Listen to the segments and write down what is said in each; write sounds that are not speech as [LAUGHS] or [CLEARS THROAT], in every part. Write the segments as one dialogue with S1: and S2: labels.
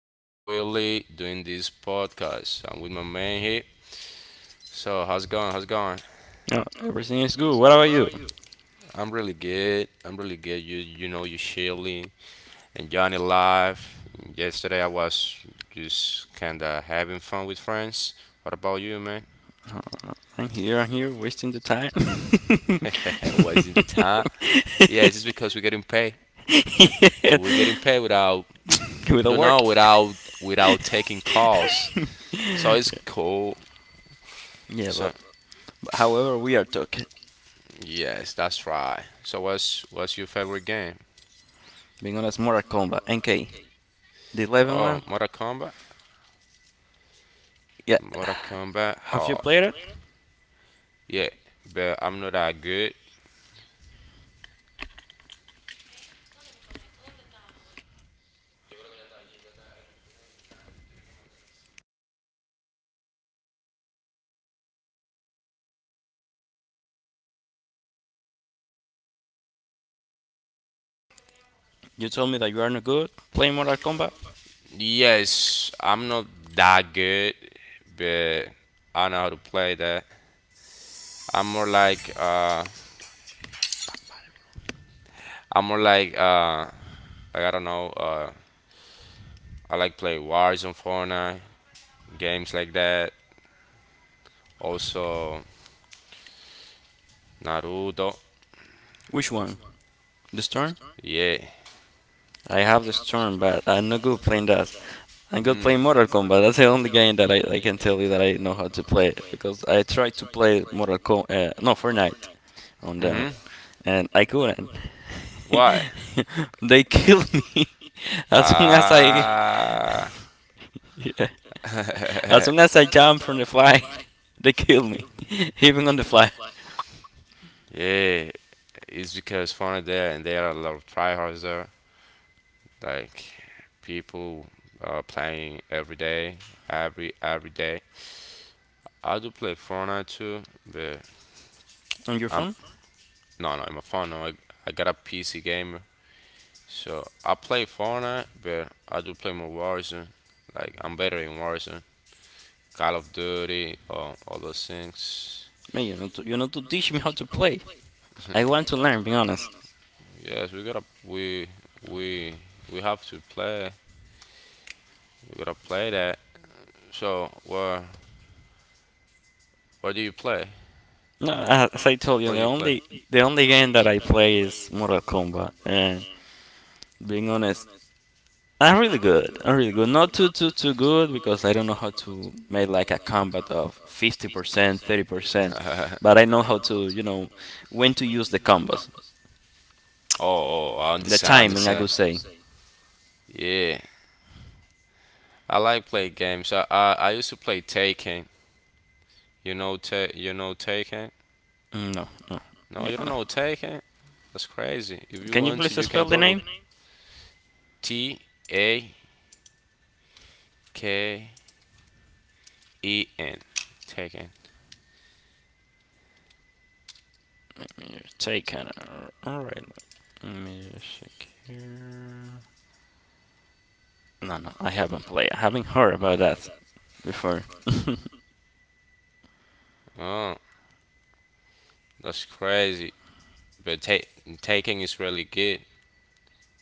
S1: It's your boy Willie doing this podcast. I'm with my man here. So how's it going? How's it going?
S2: Oh, everything is good. What about you?
S1: I'm really good. I'm really good. You know, you chilling, enjoying it life. Yesterday I was just kinda having fun with friends. What about you, man?
S2: "Oh, I'm here, wasting the time.
S1: [LAUGHS] was in the time. Yeah, it's
S2: [LAUGHS]
S1: just because we're getting paid.
S2: Yeah.
S1: We're getting paid without,
S2: [LAUGHS] Without
S1: you
S2: work.
S1: know, without without taking calls.
S2: [LAUGHS]
S1: So it's
S2: Yeah,
S1: cool.
S2: yeah, but,
S1: So
S2: but however, we are talking.
S1: yes, that's right. So what's your favorite game?
S2: Being honest, Mortal Kombat, NK, the eleven
S1: Oh,
S2: one.
S1: Mortal Kombat?
S2: Yeah,
S1: Mortal Kombat?
S2: have you
S1: Oh,
S2: played it?
S1: yeah. But I'm not that good.
S2: You told me that you are not good playing Mortal Kombat.
S1: Yes, I'm not that good, but I know how to play that. I'm more like uh, I'm more like like, I don't know. I like play Wars on Fortnite, games like that. Also Naruto.
S2: Which one? The Storm?
S1: Yeah.
S2: I have the Storm, but I'm not good playing that. I'm good playing Mortal Kombat. That's the only game that I can tell you that I know how to play because I tried to play Mortal Kombat, no Fortnite, on down,
S1: Mhm.
S2: and I couldn't.
S1: Why?
S2: [LAUGHS] They killed me [LAUGHS] as soon as
S1: Ah.
S2: yeah, as soon
S1: [LAUGHS]
S2: as I jump from the fly, [LAUGHS] they killed me, [LAUGHS] even on the fly.
S1: yeah. It's because Fortnite there, and there are a lot of tryhards there. Like, people are playing every day, every day. I do play Fortnite too, but
S2: On your
S1: I'm
S2: phone,
S1: no in my phone. No, I got a PC gamer, so I play Fortnite, but I do play more Warzone. Like, I'm better in Warzone, Call of Duty, all those things. [LAUGHS]
S2: man, you know to teach me how to play. I want to learn, being honest.
S1: Yes, we we have to play. We gotta play that. So where do you play?
S2: No, as I told you,
S1: Where you play?
S2: the only game that I play is Mortal Kombat, and being honest, I'm really good. I'm really good. Not too good because I don't know how to make like a combat of 50%, 30%, but I know
S1: [LAUGHS]
S2: how to, you know, when to use the combos.
S1: Oh, I
S2: The
S1: understand, I
S2: timing, I
S1: understand.
S2: could say.
S1: Yeah, I like play games. I used to play Taken. You know Taken.
S2: Mm, no, no.
S1: No, you don't
S2: Yeah.
S1: know Taken. That's crazy. If you
S2: Can you
S1: want
S2: please
S1: to, you can
S2: spell the
S1: Google
S2: name?
S1: Taken. Taken.
S2: You taken. All right. Let me just check here. No, no, I haven't played. I haven't heard about that before. [LAUGHS]
S1: Oh, that's crazy. But Taken is really good.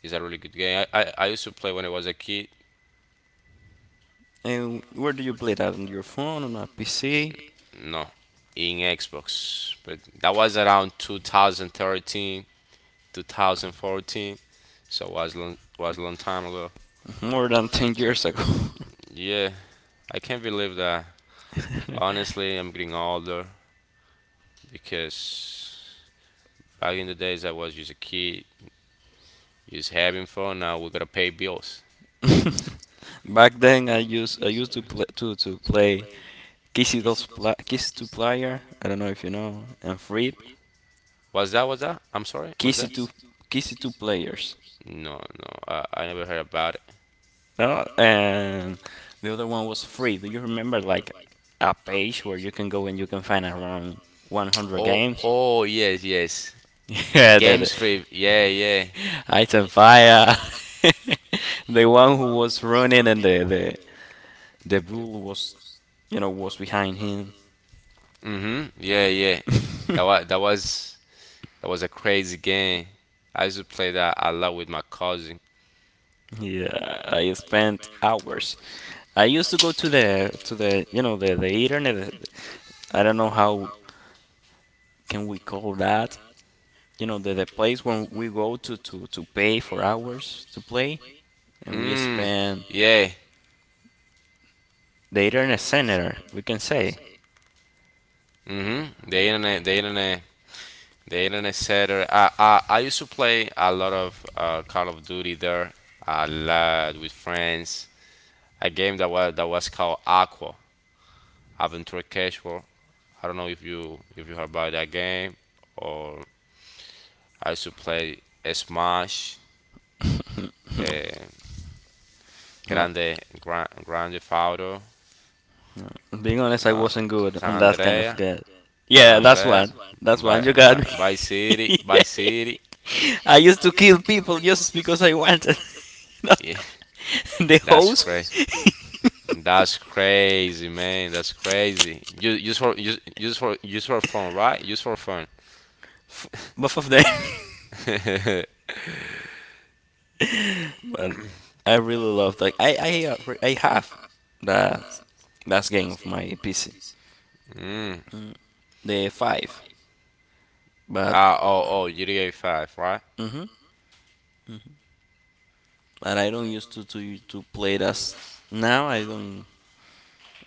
S1: It's a really good game. I used to play when I was a kid.
S2: And where do you play that? On your phone? On a PC?
S1: No, in Xbox, but that was around 2013, 2014, so was a long time ago.
S2: More than 10 years ago.
S1: Yeah, I can't believe that.
S2: [LAUGHS]
S1: Honestly, I'm getting older because back in the days I was just a kid, just having fun. Now we gotta pay bills.
S2: [LAUGHS] Back then, I used to play to play Kissy Two Player. I don't know if you know, and free
S1: Was that? Was that? I'm sorry. Was
S2: Kissy
S1: that?
S2: Two Kissy Two Players.
S1: No, no. I never heard about it.
S2: No, and the other one was free. Do you remember like a page where you can go and you can find around 100
S1: Oh,
S2: games? [LAUGHS]
S1: oh, yes, yes.
S2: Yeah, the
S1: Games free. Yeah, yeah.
S2: Item Fire. [LAUGHS] The one who was running and the bull was you know was behind him.
S1: Hmm. Yeah, yeah. That was that
S2: [LAUGHS]
S1: was that was a crazy game. I used to play that a lot with my cousin.
S2: Yeah, I spent hours. I used to go to the internet. I don't know how can we call that. You know, the place when we go to pay for hours to play, and we
S1: Mm.
S2: spend
S1: Yeah.
S2: the internet center, we can say.
S1: Hmm. The internet setter. I used to play a lot of Call of Duty there, a lot with friends. A game that was called Aqua Adventure Casual. I don't know if you heard about that game, or I used to play Smash.
S2: [LAUGHS] No,
S1: Uh,
S2: no.
S1: Grande, grande Fauto,
S2: No. Being honest, I
S1: no,
S2: wasn't good
S1: San
S2: on that kind of
S1: Andrea,
S2: game.
S1: San
S2: Yeah, that's
S1: Andrea,
S2: one. That's
S1: By,
S2: one. You got
S1: by,
S2: me.
S1: by City, by City.
S2: [LAUGHS] I used to kill people just because I wanted. [LAUGHS] You
S1: Yeah,
S2: know? [LAUGHS] The
S1: that's
S2: hoes,
S1: crazy. That's crazy, man. That's crazy. Use for fun, right? Use for fun.
S2: [LAUGHS] both of them. [LAUGHS]
S1: [LAUGHS]
S2: But I really love that. I have that last game of my PC,
S1: Mm.
S2: the five. But
S1: Ah, oh, oh, GTA 5, right?
S2: hmm but I don't used to play it as now.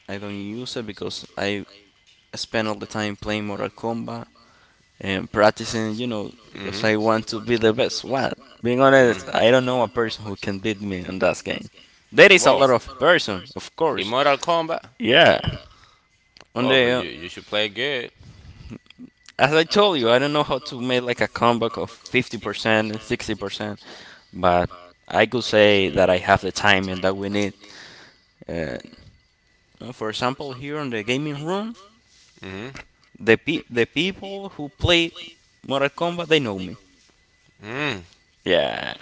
S2: I don't use it because I spend all the time playing Mortal Kombat and practicing, you know, because I want
S1: Mm-hmm.
S2: to be the best. What? Being
S1: Mm.
S2: honest, I don't know a person who can beat me in that game. There is a
S1: Whoa.
S2: lot of person, of course.
S1: Immortal Kombat.
S2: Yeah. On
S1: Whoa,
S2: the
S1: but you should play good.
S2: As I told you, I don't know how to make like a comeback of 50%, 60%, but I could say that I have the time and that we need. Uh, for example, here in the gaming room,
S1: Mm-hmm.
S2: the people who play Mortal Kombat, they know me.
S1: Mm.
S2: Yeah,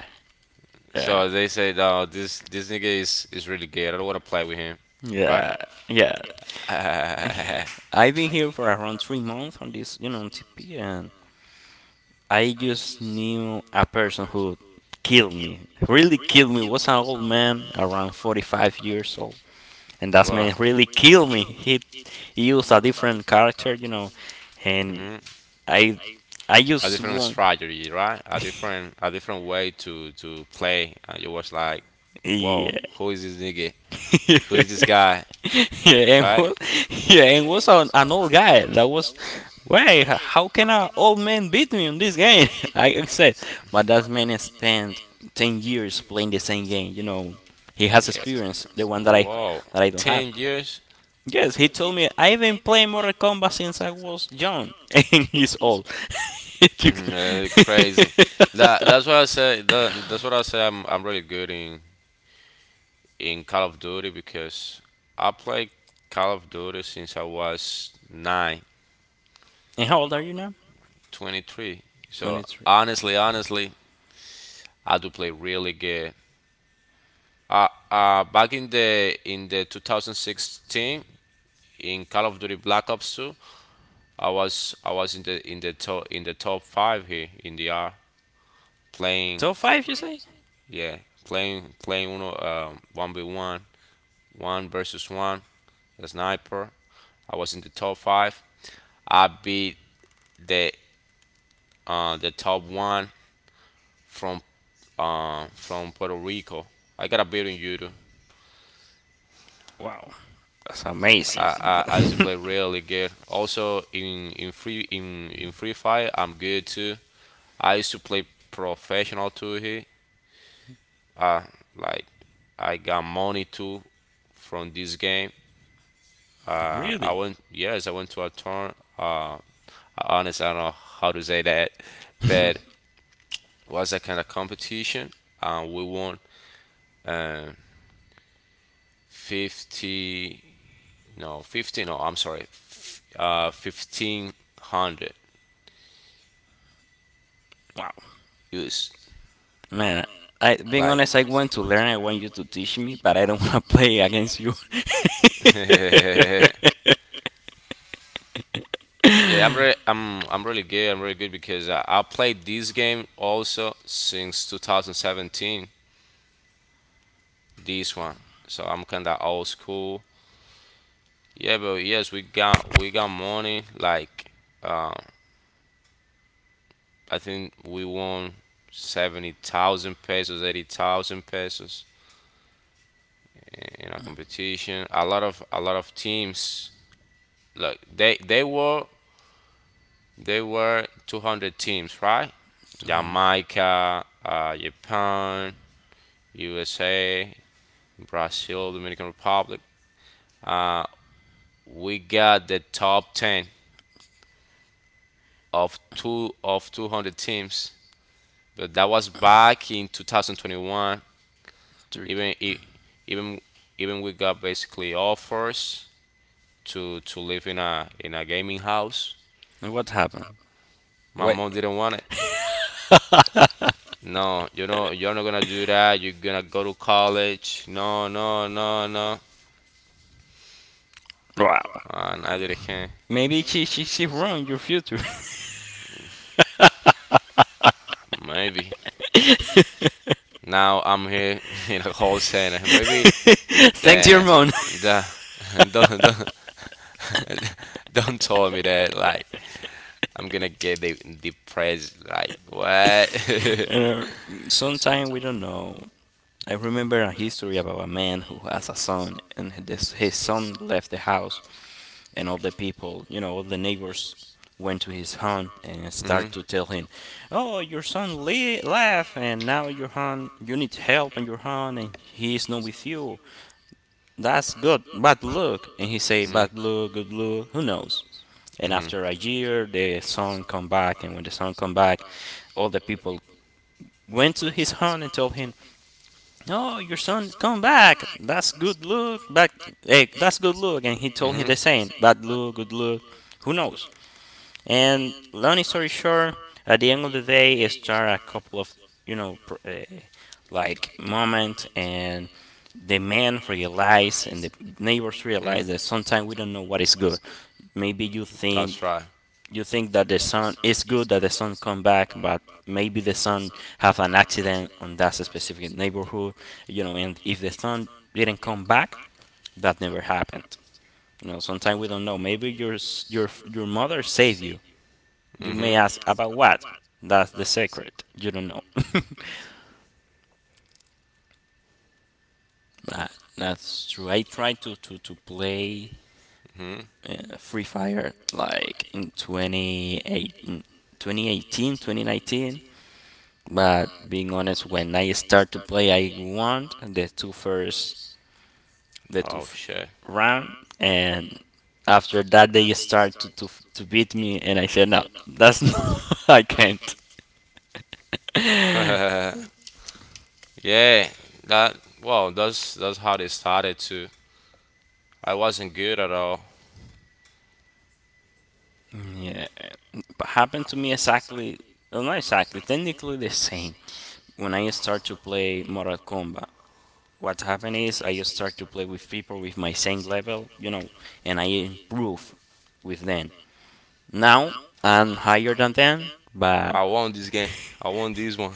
S2: yeah.
S1: So they said, "Oh, this nigga is really gay. I don't want to play with him, right?"
S2: Yeah, yeah. [LAUGHS]
S1: [LAUGHS]
S2: I've been here for around 3 months on this, you know, TP, and I just knew a person who killed me. Really killed me. Was an old man, around 45 years old, and that
S1: Well,
S2: man really killed me. He used a different character, you know, and
S1: hmm
S2: I, I
S1: a
S2: just
S1: different
S2: won't.
S1: strategy, right? A different way to play, and you was like, "Whoa,
S2: Yeah,
S1: who is this nigga? Who is this
S2: [LAUGHS]
S1: guy?"
S2: yeah, and
S1: Right?
S2: was, yeah, and
S1: [LAUGHS]
S2: was an old guy that was, why? How can an old man beat me in this game? [LAUGHS] I said, but that man spent 10 years playing the same game. You know, he has
S1: Yeah,
S2: experience, the one
S1: whoa,
S2: that I don't have.
S1: 10 years.
S2: Yes, he told me I've been playing Mortal Kombat since I was young, [LAUGHS] and he's old. [LAUGHS] You can-
S1: Crazy. That's what I
S2: [LAUGHS]
S1: say. That's what I say. I'm really good in Call of Duty because I play Call of Duty since I was nine.
S2: and how old are you now?
S1: 23. So
S2: 23.
S1: honestly, I do play really good. Back in the 2016 in Call of Duty Black Ops 2, I was in the top five here in the R playing.
S2: Top five, you say?
S1: Yeah, playing one versus one, the sniper. I was in the top five. I beat the top one from from Puerto Rico. I got a beat in judo.
S2: Wow, that's amazing.
S1: I used
S2: [LAUGHS]
S1: to play really good. Also in free in free fire, I'm good too. I used to play professional too here. Like, I got money too from this game. I went to a turn. Honestly, I don't know how to say that, but was a kind of competition, and we won uh, 50, no, 50, no, I'm sorry, 1500
S2: Wow,
S1: views.
S2: man. I, being
S1: Like,
S2: honest, I want to learn. I want you to teach me, but I don't [LAUGHS] want to play against you. [LAUGHS]
S1: [LAUGHS] yeah, I'm really good. I'm really good because I played this game also since 2017. This one, so I'm kinda old school. Yeah, but yes, we got money like um. I think we won 70,000 pesos, 80,000 pesos in a competition. A lot of teams look they were 200 teams, right?
S2: 200,
S1: Jamaica, Japan, USA, Brazil, Dominican Republic. Uh, we got the top 10 of 200 teams. But that was back in 2021,
S2: three.
S1: even e- even even we got basically offers to live in a gaming house.
S2: And what happened?
S1: My
S2: Wait.
S1: mom didn't want it.
S2: [LAUGHS]
S1: No, you know you're not gonna do that. You're gonna go to college. No, no, no, no.
S2: Wow.
S1: And I didn't care.
S2: Maybe she ruined your future.
S1: Maybe
S2: [LAUGHS]
S1: now I'm here [LAUGHS] in a call center. Maybe [LAUGHS]
S2: Thanks, your
S1: the
S2: mom. [LAUGHS]
S1: mode. The [LAUGHS] don't [LAUGHS] don't tell me that, like, I'm gonna get de- depressed. Like, what? [LAUGHS]
S2: Uh, Sometimes we don't know. I remember a history about a man who has a son, and his son left the house, and all the people, you know, all the neighbors went to his home and
S1: Mhm.
S2: start to tell him, "Oh, your son left, and now your home, you need help in your home, and he is not with you. That's good, bad luck." And he say, "Bad luck, good luck, who knows?" And
S1: Mhm.
S2: after a year, the son come back, and when the son come back, all the people went to his home and told him, "Oh, your son is come back. That's good luck. Back, hey, that's good luck." And he told him
S1: Mhm.
S2: the saying, "Bad luck, good luck. Who knows?" And long story short, at the end of the day, it started a couple of, you know, uh, like, moment, and the man realized and the neighbors
S1: Mhm.
S2: realized that sometimes we don't know what is
S1: do
S2: good. Maybe
S1: right.
S2: you think that the son is good, that the son come back, but maybe the son have an accident on that specific neighborhood, you know, and if the son didn't come back, that never happened. You know, sometimes we don't know. Maybe your mother saved you. You may
S1: Mhm.
S2: ask about what? That's the secret, you don't know. [LAUGHS] that, that's true. I tried to play
S1: Mhm.
S2: Free Fire like in 28 2018, 2019. But being honest, when I start to play, I won the two first, the two
S1: Oh, shit.
S2: round, and after that they start to beat me, and I said, no, that's [LAUGHS] not, I can't.
S1: [LAUGHS] yeah. That. Well, that's how they started too. I wasn't good at all.
S2: Yeah, but happened to me exactly, well, not exactly, technically the same. When I start to play Mortal Kombat, what happened is I start to play with people with my same level, you know, and I improve with them. Now I'm higher than 10, but
S1: I won this game. I won this one.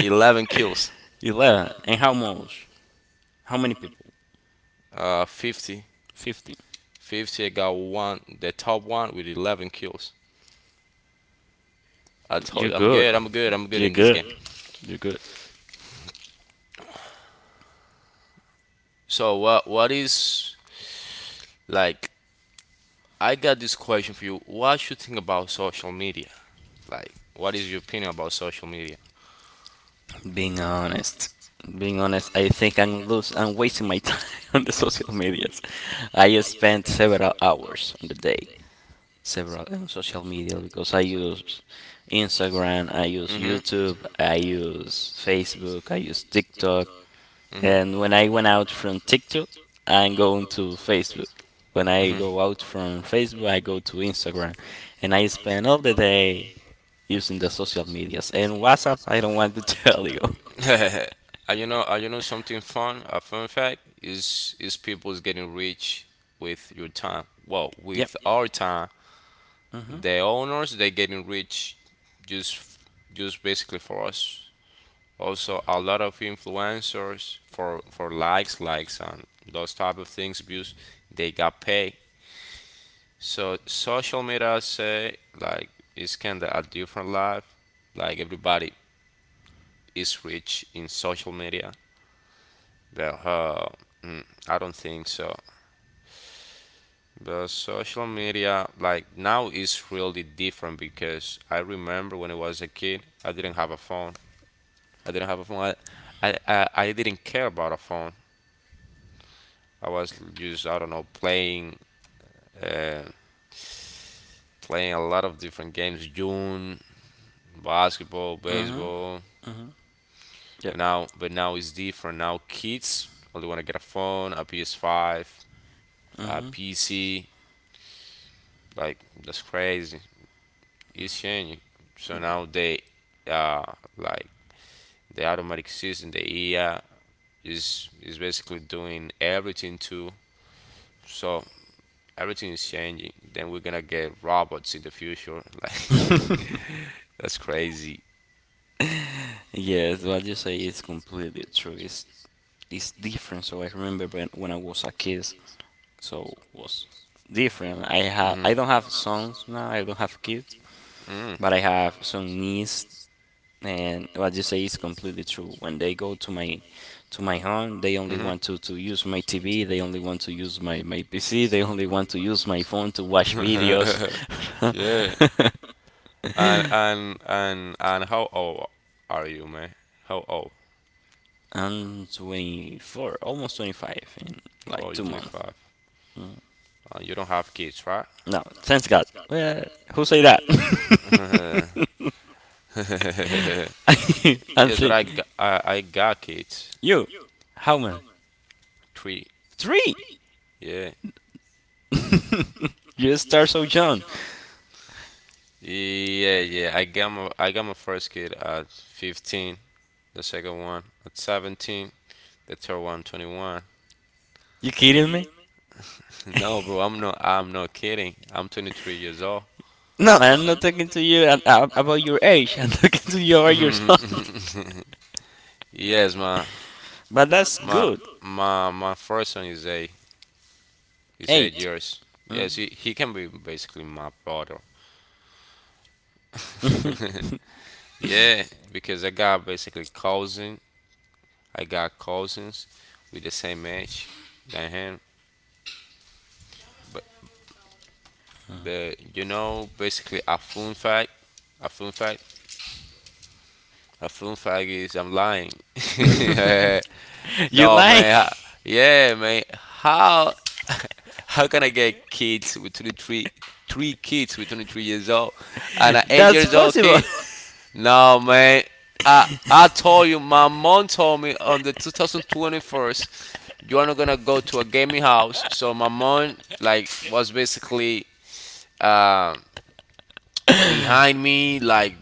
S1: 11 kills.
S2: 11. And how much? How many people?
S1: 50.
S2: 50.
S1: 50, I got one, the top one with 11 kills. I told
S2: You're
S1: you, I'm
S2: good.
S1: good, I'm good, I'm good
S2: You're
S1: in this
S2: good.
S1: game.
S2: You're good.
S1: So what is like? I got this question for you. What you think about social media? Like, what is your opinion about social media?
S2: Being honest. Being honest, I think I'm lose. I'm wasting my time [LAUGHS] on the social medias. I spend several hours on the day, several on social media because I use Instagram, I use
S1: Mm-hmm.
S2: YouTube, I use Facebook, I use TikTok, and
S1: Mm-hmm.
S2: when I went out from TikTok, I'm going to Facebook. When I go out from Facebook, I go to
S1: Mm-hmm.
S2: Instagram. And I spend all the day using the social medias. And WhatsApp, I don't want to [LAUGHS] tell you.
S1: [LAUGHS] You know something fun. A fun fact is people's getting rich with your time. Well,
S2: Yep.
S1: with our time,
S2: Hmm.
S1: the owners they getting rich just f- just basically for us. Also, a lot of influencers for likes, likes, and those type of things views, they got paid. So social media, I say like it's kind of a different life. Like, everybody is rich in social media. But I don't think so. But social media, like now, is really different because I remember when I was a kid, I didn't have a phone. I didn't have a phone. I didn't care about a phone. I was just, I don't know, playing, uh, playing a lot of different games, June, basketball, baseball.
S2: Yep.
S1: But now, it's different. Now kids only want to get a phone, a PS5, a PC. Like, that's crazy. It's changing. So now they uh like, the automatic system, the AI is basically doing everything too. So everything is changing. Then we're gonna get robots in the future. [LAUGHS] Like,
S2: [LAUGHS]
S1: that's crazy.
S2: Yes, what you say is completely true. It's different. So I remember when I was a kid, so was different. I don't have sons now. I don't have kids,
S1: Mm.
S2: but I have some niece. And what you say is completely true. When they go to my home, they only want to use my TV. They only want to use my PC. They only want to use my phone to watch videos.
S1: [LAUGHS] yeah.
S2: [LAUGHS]
S1: And how old are you, man? How old?
S2: I'm 24, almost 25 in
S1: Oh,
S2: like
S1: you're
S2: 2 months.
S1: 25.
S2: Mm.
S1: You don't have kids, right?
S2: No, thanks God. Well, who say that? [LAUGHS]
S1: [LAUGHS] yes,
S2: And
S1: but
S2: say
S1: I, g- I got kids.
S2: you. How many?
S1: Three.
S2: Three.
S1: Yeah.
S2: [LAUGHS] You start so young.
S1: Yeah, yeah. I got my first kid at 15, the second one at 17, the third one 21. [LAUGHS]
S2: You kidding me?
S1: No, bro, I'm not kidding. I'm 23 years old.
S2: No, I'm not talking to you about your age. [LAUGHS] I'm talking to you about your son.
S1: [LAUGHS] Yes,
S2: [LAUGHS] But that's
S1: my
S2: good.
S1: my first son is eight. He's eight
S2: Eight.
S1: years.
S2: Mm.
S1: Yes, he can be basically my brother. [LAUGHS] Yeah, because I got basically cousin. I got cousins with the same age than him, but you know, basically, a phone fight, a phone fight, a phone fight is, I'm lying. [LAUGHS]
S2: [LAUGHS] You
S1: No,
S2: lie?
S1: man, yeah, man, how [LAUGHS] how can I get kids with 23, three kids with 23 years old and an
S2: [LAUGHS]
S1: eight
S2: That's
S1: years old
S2: possible.
S1: kid? No, man, I told you, my mom told me on the 2021st, you are not gonna go to a gaming house. So my mom, like, was basically um behind me like,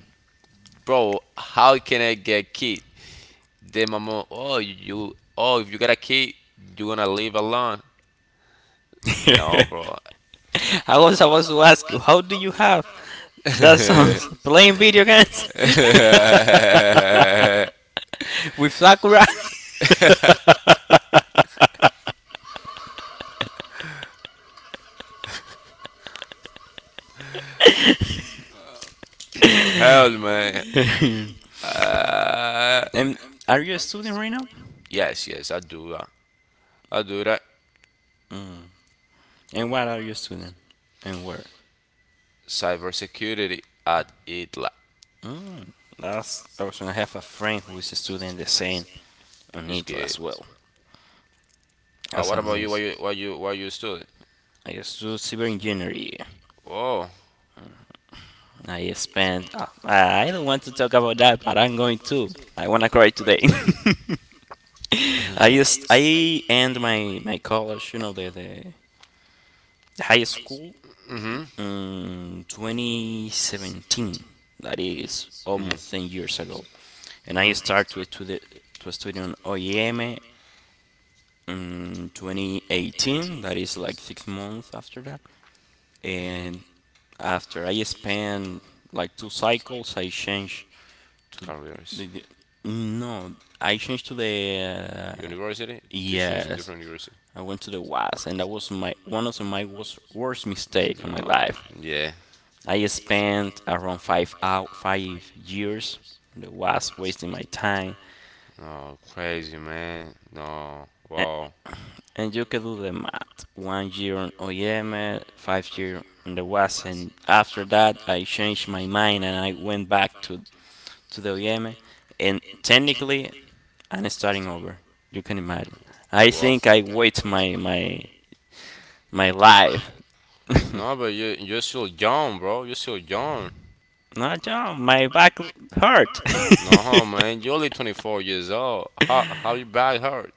S1: bro, how can I get kid? Then my mom, oh, you, oh, if you got a kid, you gonna live alone? No,
S2: [LAUGHS]
S1: bro.
S2: [LAUGHS] I was about to ask you, how do you have that sounds [LAUGHS] playing video games
S1: [LAUGHS] Hell,
S2: [LAUGHS] with Sakura?
S1: man.
S2: [LAUGHS]
S1: Uh,
S2: And are you a student right now?
S1: yes, yes, I do that. I do that.
S2: And what are you a student? And where?
S1: Cybersecurity at ITLA
S2: Mm, that's awesome. I have a friend who is a student the same on
S1: is
S2: it
S1: good.
S2: as well. That's
S1: What about you? Why
S2: amazing.
S1: you student?
S2: I studied cyber engineering.
S1: Oh,
S2: I spent. I don't want to talk about that, but I'm going to. I wanna cry today. [LAUGHS] I end my college, you know, the high school
S1: mm-hmm.
S2: in 2017. That is almost 10 years ago, and I start to study on OEM in 2018. That is like 6 months after that, and after I spent like two cycles, I changed to
S1: Careers.
S2: the no, I changed to the
S1: University? To change to
S2: yes,
S1: different university?
S2: I went to the West, and that was my one of my worst, worst mistake in my
S1: No.
S2: life.
S1: Yeah.
S2: I spent around 5 out 5 years in the West, wasting my time.
S1: No, crazy man. No,
S2: And,
S1: wow,
S2: and you can do the math: 1 year on OEM, 5 year on the West, and after that, I changed my mind and I went back to the OEM. And technically, I'm starting over. You can imagine. I
S1: wow.
S2: think I waste my life. [LAUGHS]
S1: No, but you're still young, bro. You're still young.
S2: No, John, my back hurt. [LAUGHS]
S1: No, man, you're only 24 years old. How you back hurt?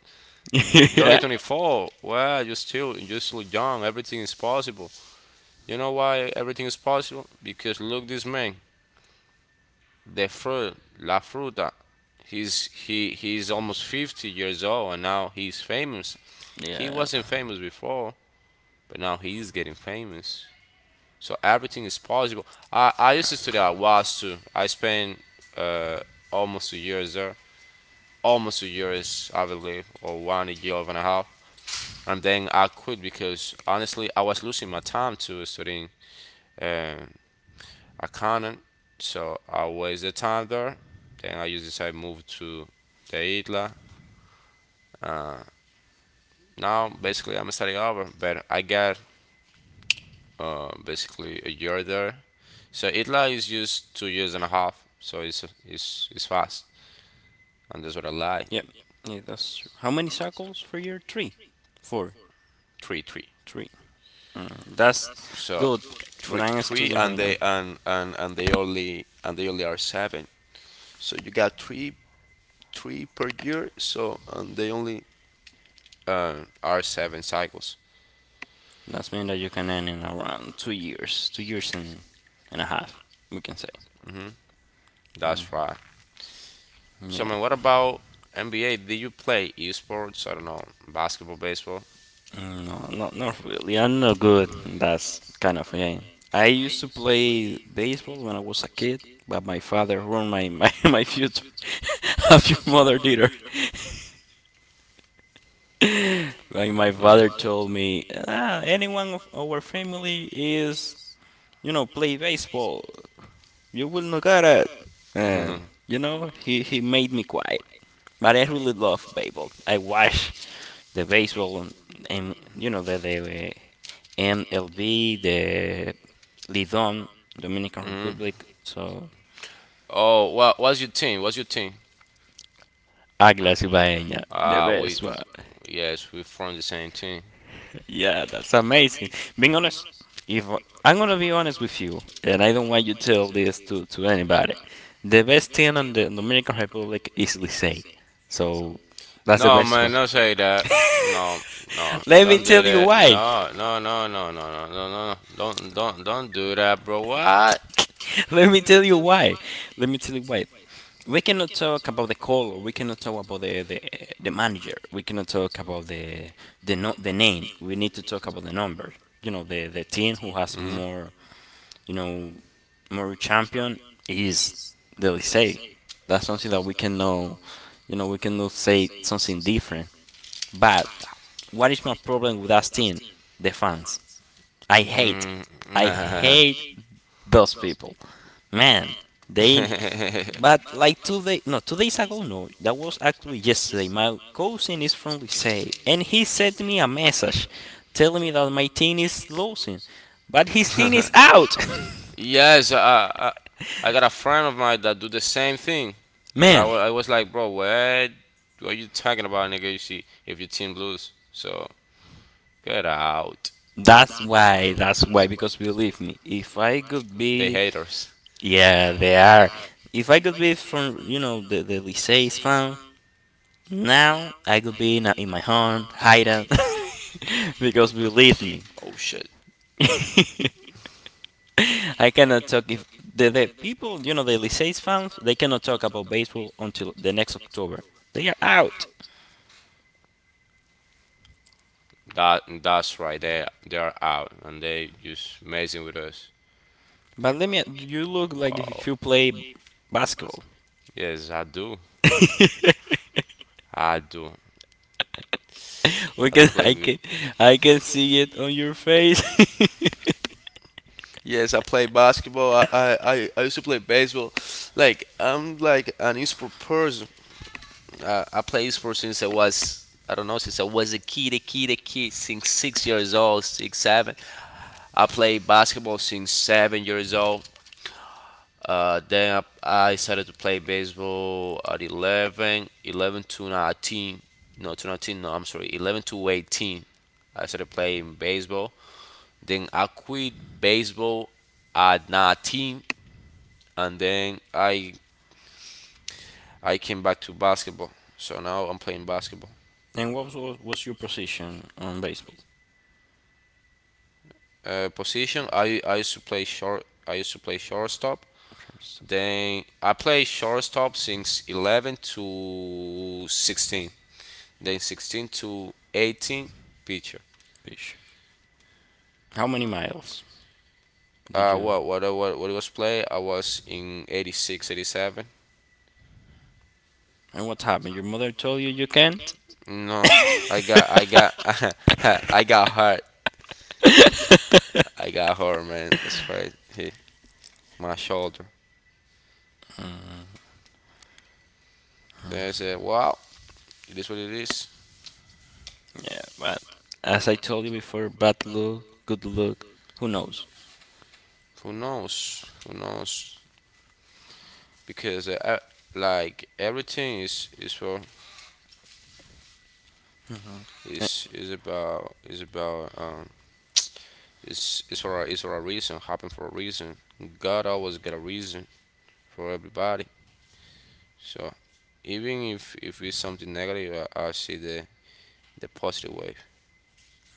S1: You're only
S2: Yeah.
S1: 24. Well, you're still young. Everything is possible. You know why everything is possible? Because look, this man, the fruit, La Fruta. He's almost 50 years old, and now he's famous. He
S2: Yeah.
S1: wasn't famous before, but now he's getting famous. So everything is possible. I used to study at WAS too. I spent uh, almost a year there. Almost a year, I believe, or one year and a half. And then I quit because honestly, I was losing my time to studying uh, accounting. So I wasted time there. Then I used to move to the ITLA. Now, basically, I'm studying over, but I got basically a year there. So ITLA is just 2 years and a half. So it's fast. And that's what I lie.
S2: Yep. Yeah, that's true. How many circles for year three? Four.
S1: Three, three.
S2: Three. That's
S1: So
S2: good. But
S1: three,
S2: I'm a
S1: three,
S2: student right now.
S1: and they only are seven. So you got three, three per year. So and they only are seven cycles.
S2: That's mean that you can end in around 2 years, 2 years and a half, we can say.
S1: hmm That's right.
S2: Yeah.
S1: So man, what about NBA? Do you play esports? I don't know, basketball, baseball. [LAUGHS]
S2: No, not really. I'm not good in that kind of game. I used to play baseball when I was a kid, but my father ruined [LAUGHS] my future [LAUGHS] as your mother did her. [LAUGHS] Like my father told me, anyone of our family is, play baseball. You will not get it. And
S1: hmm
S2: you know, he made me quiet. But I really love baseball. I watch the baseball, and the MLB de Lidón, Dominican Republic. So
S1: Oh, well, what's your team? What's your team?
S2: Águilas Ibaeña, the
S1: Uh, we,
S2: best one.
S1: yes, we're from the same team.
S2: Yeah, that's amazing. Being honest, if I'm gonna be honest with you, and I don't want you to tell this to anybody, the best team on the Dominican Republic is Licey. So that's the
S1: No,
S2: best
S1: man,
S2: one.
S1: don't say that. No, no,
S2: Let me
S1: don't do
S2: tell you
S1: that.
S2: why.
S1: No, no, no, no, no, no, no, no, no. Don't do that, bro. What?
S2: [LAUGHS] Let me tell you why. Let me tell you why. We cannot talk about the color. We cannot talk about the manager. We cannot talk about the no, the name. We need to talk about the number. You know, the team who has
S1: hmm
S2: you know, more champion is the Licey. That's something that we cannot say something different. But what is my problem with that team? The fans. I hate,
S1: Mm.
S2: I hate those people. Man, they
S1: [LAUGHS]
S2: but like 2 days, no, 2 days ago, no, that was actually yesterday. My cousin is from Licey, and he sent me a message telling me that my team is losing, but his team is out. [LAUGHS]
S1: Yes, I got a friend of mine that do the same thing.
S2: Man,
S1: I was like, bro, what? What are you talking about, nigga? You see, if your team lose, so get out.
S2: that's why, because believe me, if I could
S1: They
S2: be,
S1: haters.
S2: yeah, they are. If I could be from, the Licey's fan, now I could be in my home, hiding, [LAUGHS] because believe me,
S1: Oh shit.
S2: [LAUGHS] I cannot talk if the people, the Liceis fans, they cannot talk about baseball until the next October. They are out.
S1: That that's right. They are out and they just messing with us.
S2: But you look like if
S1: Wow.
S2: you play basketball.
S1: Yes, I do.
S2: [LAUGHS]
S1: I do.
S2: we
S1: I do
S2: can,
S1: play
S2: I can,
S1: with.
S2: I can see it on your face.
S1: Yes, I play basketball. I used to play baseball. Like I'm like an esports person. I play sports since I was, I don't know, since I was a kid. Since 6 years old, 6, 7. I played basketball since 7 years old. Then I started to play baseball at 11, 11 to 19. No, to 19, no, I'm sorry, 11 to 18. I started playing baseball. Then I quit baseball at 19, and then I came back to basketball. So now I'm playing basketball.
S2: [LAUGHS] And what was your position on baseball?
S1: Position, I used to play short. I used to play shortstop.
S2: Sure, so.
S1: Then I played shortstop since 11 to 16. Then 16 to 18, picture.
S2: Fish. How many miles did you?
S1: What was play? I was in 86, eighty
S2: 87
S1: seven.
S2: And what happened? Your mother told you you can't?
S1: No, I got [LAUGHS] I got hurt. I got hurt, man. That's right. Hey, my shoulder. They said, "Wow, it is what it is."
S2: Yeah, but as I told you before, bad luck, good luck, who knows?
S1: Who knows? Who knows? Because like everything is for
S2: Eh.
S1: is is about is about is for a reason. Happen for a reason. God always got a reason for everybody. So even if it's something negative, I see the positive way.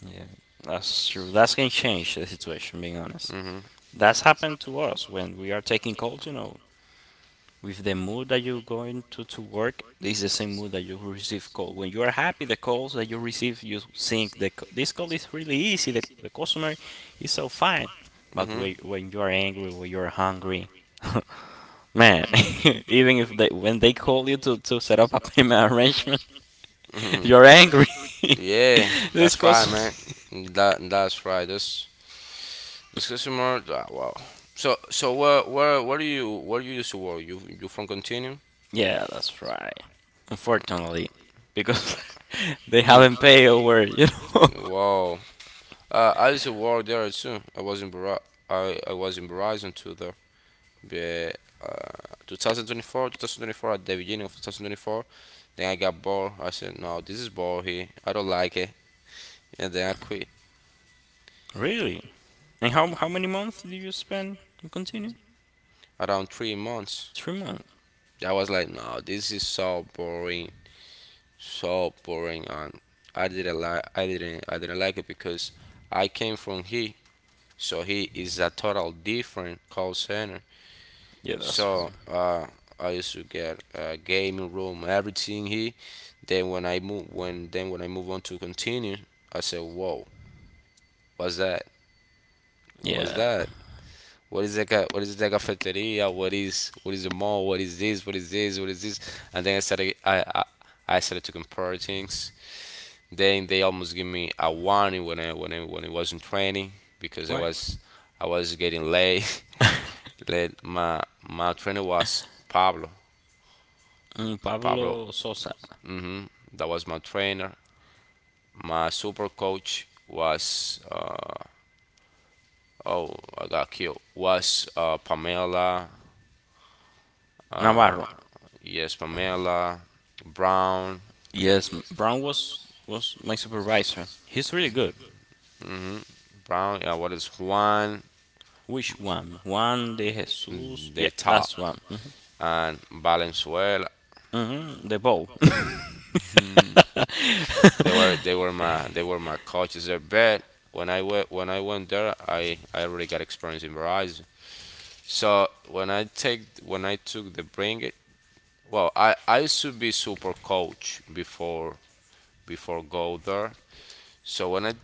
S2: Yeah, that's true. That's gonna change the situation, being honest.
S1: Mhm.
S2: That's happened to us when we are taking calls. With the mood that you're going to work, this is the same mood that you receive call. When you are happy, the calls that you receive, you think this call is really easy, the customer is so fine. But
S1: Mhm.
S2: when you are angry, when you are hungry, [LAUGHS] man, [LAUGHS] even if they when they call you to set up a payment arrangement, [LAUGHS]
S1: Mhm.
S2: you're angry.
S1: Yeah,
S2: [LAUGHS] This
S1: that's right, man.
S2: calls,
S1: That that's right. This customer. Ah, wow. So so where you used to work? You from Continuum?
S2: [LAUGHS] yeah, that's right. Unfortunately, because [LAUGHS] they
S1: Mhm.
S2: haven't paid over, know. [LAUGHS]
S1: Wow. I used to work there too. I was in Verizon too there. But 2024, 2024 at the beginning of 2024. Then I got bored. I said, no, this is bored here. I don't like it. And then I quit
S2: Really? And how many months do you spend? You continue?
S1: around 3 months.
S2: 3 months.
S1: I was like, no, this is so boring, and I didn't like it because I came from he, so he is a total different call center.
S2: Yeah, that's
S1: So
S2: wrong.
S1: I used to get a gaming room, everything here. Then when I move on to continue, I said, whoa, what's that? What's
S2: Yeah.
S1: that? What is like, a, what is the cafeteria, what is, what is the mall, what is this, what is this, what is this? And then I started to compare things. Then they almost give me a warning when I when I when I was not training because i
S2: Why?
S1: was i was getting late.
S2: [LAUGHS]
S1: [LAUGHS] Late. My trainer was Pablo. Pablo.
S2: Pablo Sosa
S1: hmm that was my trainer. My super coach was oh, I got killed, was Pamela.
S2: Navarro.
S1: Yes, Pamela Brown.
S2: Yes, Brown was my supervisor. He's really good.
S1: hmm Brown, what is Juan
S2: Which one? Juan de Jesus. Yeah,
S1: de Top
S2: that's one. Mhm.
S1: and Valenzuela.
S2: Mhm. The ball.
S1: They
S2: [LAUGHS]
S1: were, they were, my they were my coaches there. But when I went there, I already got experience in Verizon. So when I take when I took the bring it, well, I used to be super coach before, before go there. So when I,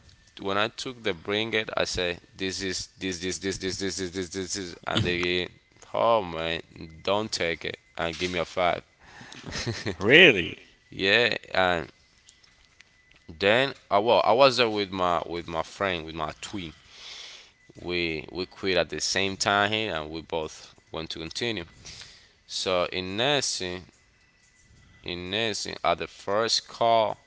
S1: when I took the bring it, I say, this is this is, and they get, oh man, don't take it, and give me a five.
S2: Really?
S1: [LAUGHS] Yeah, and then I, well, I was there with my, with my friend, with my twin. We quit at the same time here, and we both want to continue. So in nursing, in nursing, at the first call,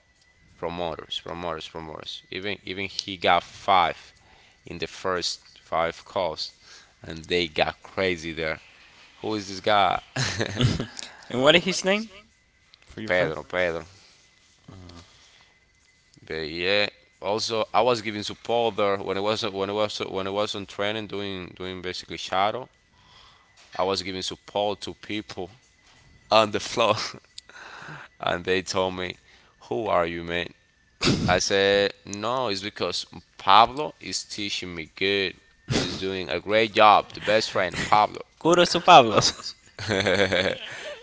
S1: promoters even he got five in the first five calls, and they got crazy there. Who is this guy?
S2: And what is his name for
S1: [LAUGHS]
S2: your friend?
S1: Pedro, Pedro. But yeah, also I was giving support there when I was on training, doing basically shadow. I was giving support to people [LAUGHS] on the floor, [LAUGHS] and they told me, "Who are you, man?" I said, "No, it's because Pablo is teaching me good. He's doing a great job. The best friend, Pablo."
S2: Kudos to Pablos. [LAUGHS]
S1: [LAUGHS]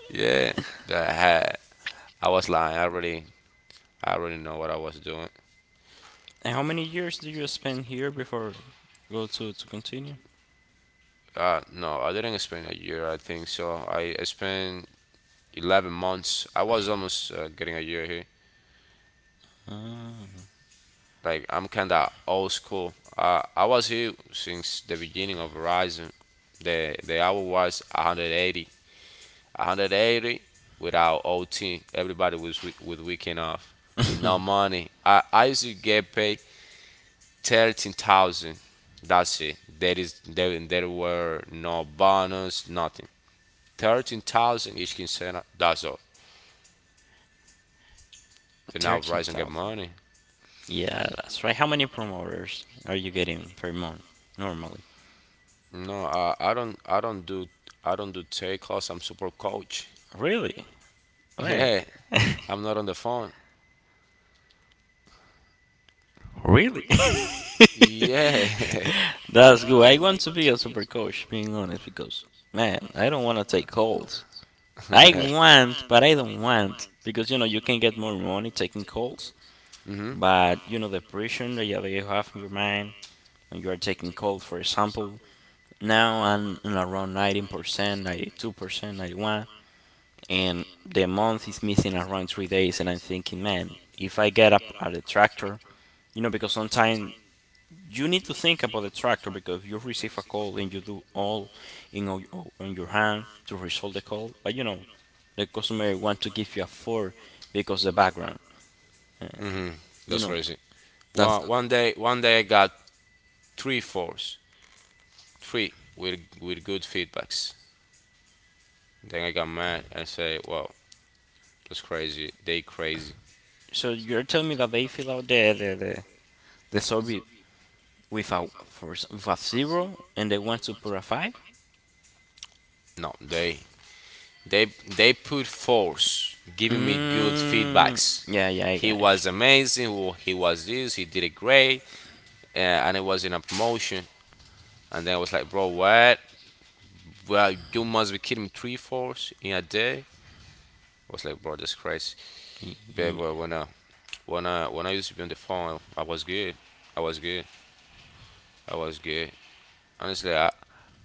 S1: Yeah, but I was lying. I really know what I was doing.
S2: And how many years do you spend here before go to continue?
S1: No, I didn't spend a year. I think so. I spent 11 months. I was almost getting a year here.
S2: Uh,
S1: Like I'm kind of old school. I was here since the beginning of Verizon. The hour was 180. 180 without OT. Everybody was with weekend off. No money. I used to get paid 13,000. That's it. There is there there were no bonus, nothing. 13,000 each quincena. That's all. And now
S2: Thirteen
S1: Verizon get
S2: thousand.
S1: money.
S2: Yeah, that's right. How many promoters are you getting per month normally?
S1: No, I don't do, I don't do take calls. I'm super coach. [LAUGHS]
S2: Really? Wait.
S1: Yeah, I'm not on the phone.
S2: [LAUGHS] Really? [LAUGHS]
S1: Yeah. [LAUGHS] I
S2: That's good. I want to be a super coach, being honest, because man, I don't want to take calls.
S1: want,
S2: I want, but I don't want because you know you can get more money taking calls,
S1: hmm
S2: but you know the pressure that you have in your mind you are taking cold, for example. Now I'm around 90% 92%, 91%, and the month is missing around 3 days, and I'm thinking, man, if I get up at the tractor, because sometimes you need to think about the tractor because you receive a call and you do all in all on your hand to resolve the call, but the customer want to give you a four because the background, uh,
S1: hmm
S2: you
S1: that's
S2: know,
S1: crazy.
S2: that's
S1: One day, one day I got three fours, three with good feedbacks. Then I got mad and say, well, that's crazy. They crazy.
S2: so you're telling me that they fill out the the survey with a zero and they want to put a five.
S1: No, they they put force, giving me good
S2: Mm,
S1: feedbacks.
S2: yeah, yeah, I
S1: He
S2: got
S1: was
S2: it.
S1: amazing. He was this. He did it great, uh, and it was in a promotion. And then I was like, bro, what? Well, you must be kidding me. Three fours in a day. I was like, bro, that's crazy.
S2: Yeah.
S1: But when I used to be on the phone, I was good. I was good. I was good. Honestly, I,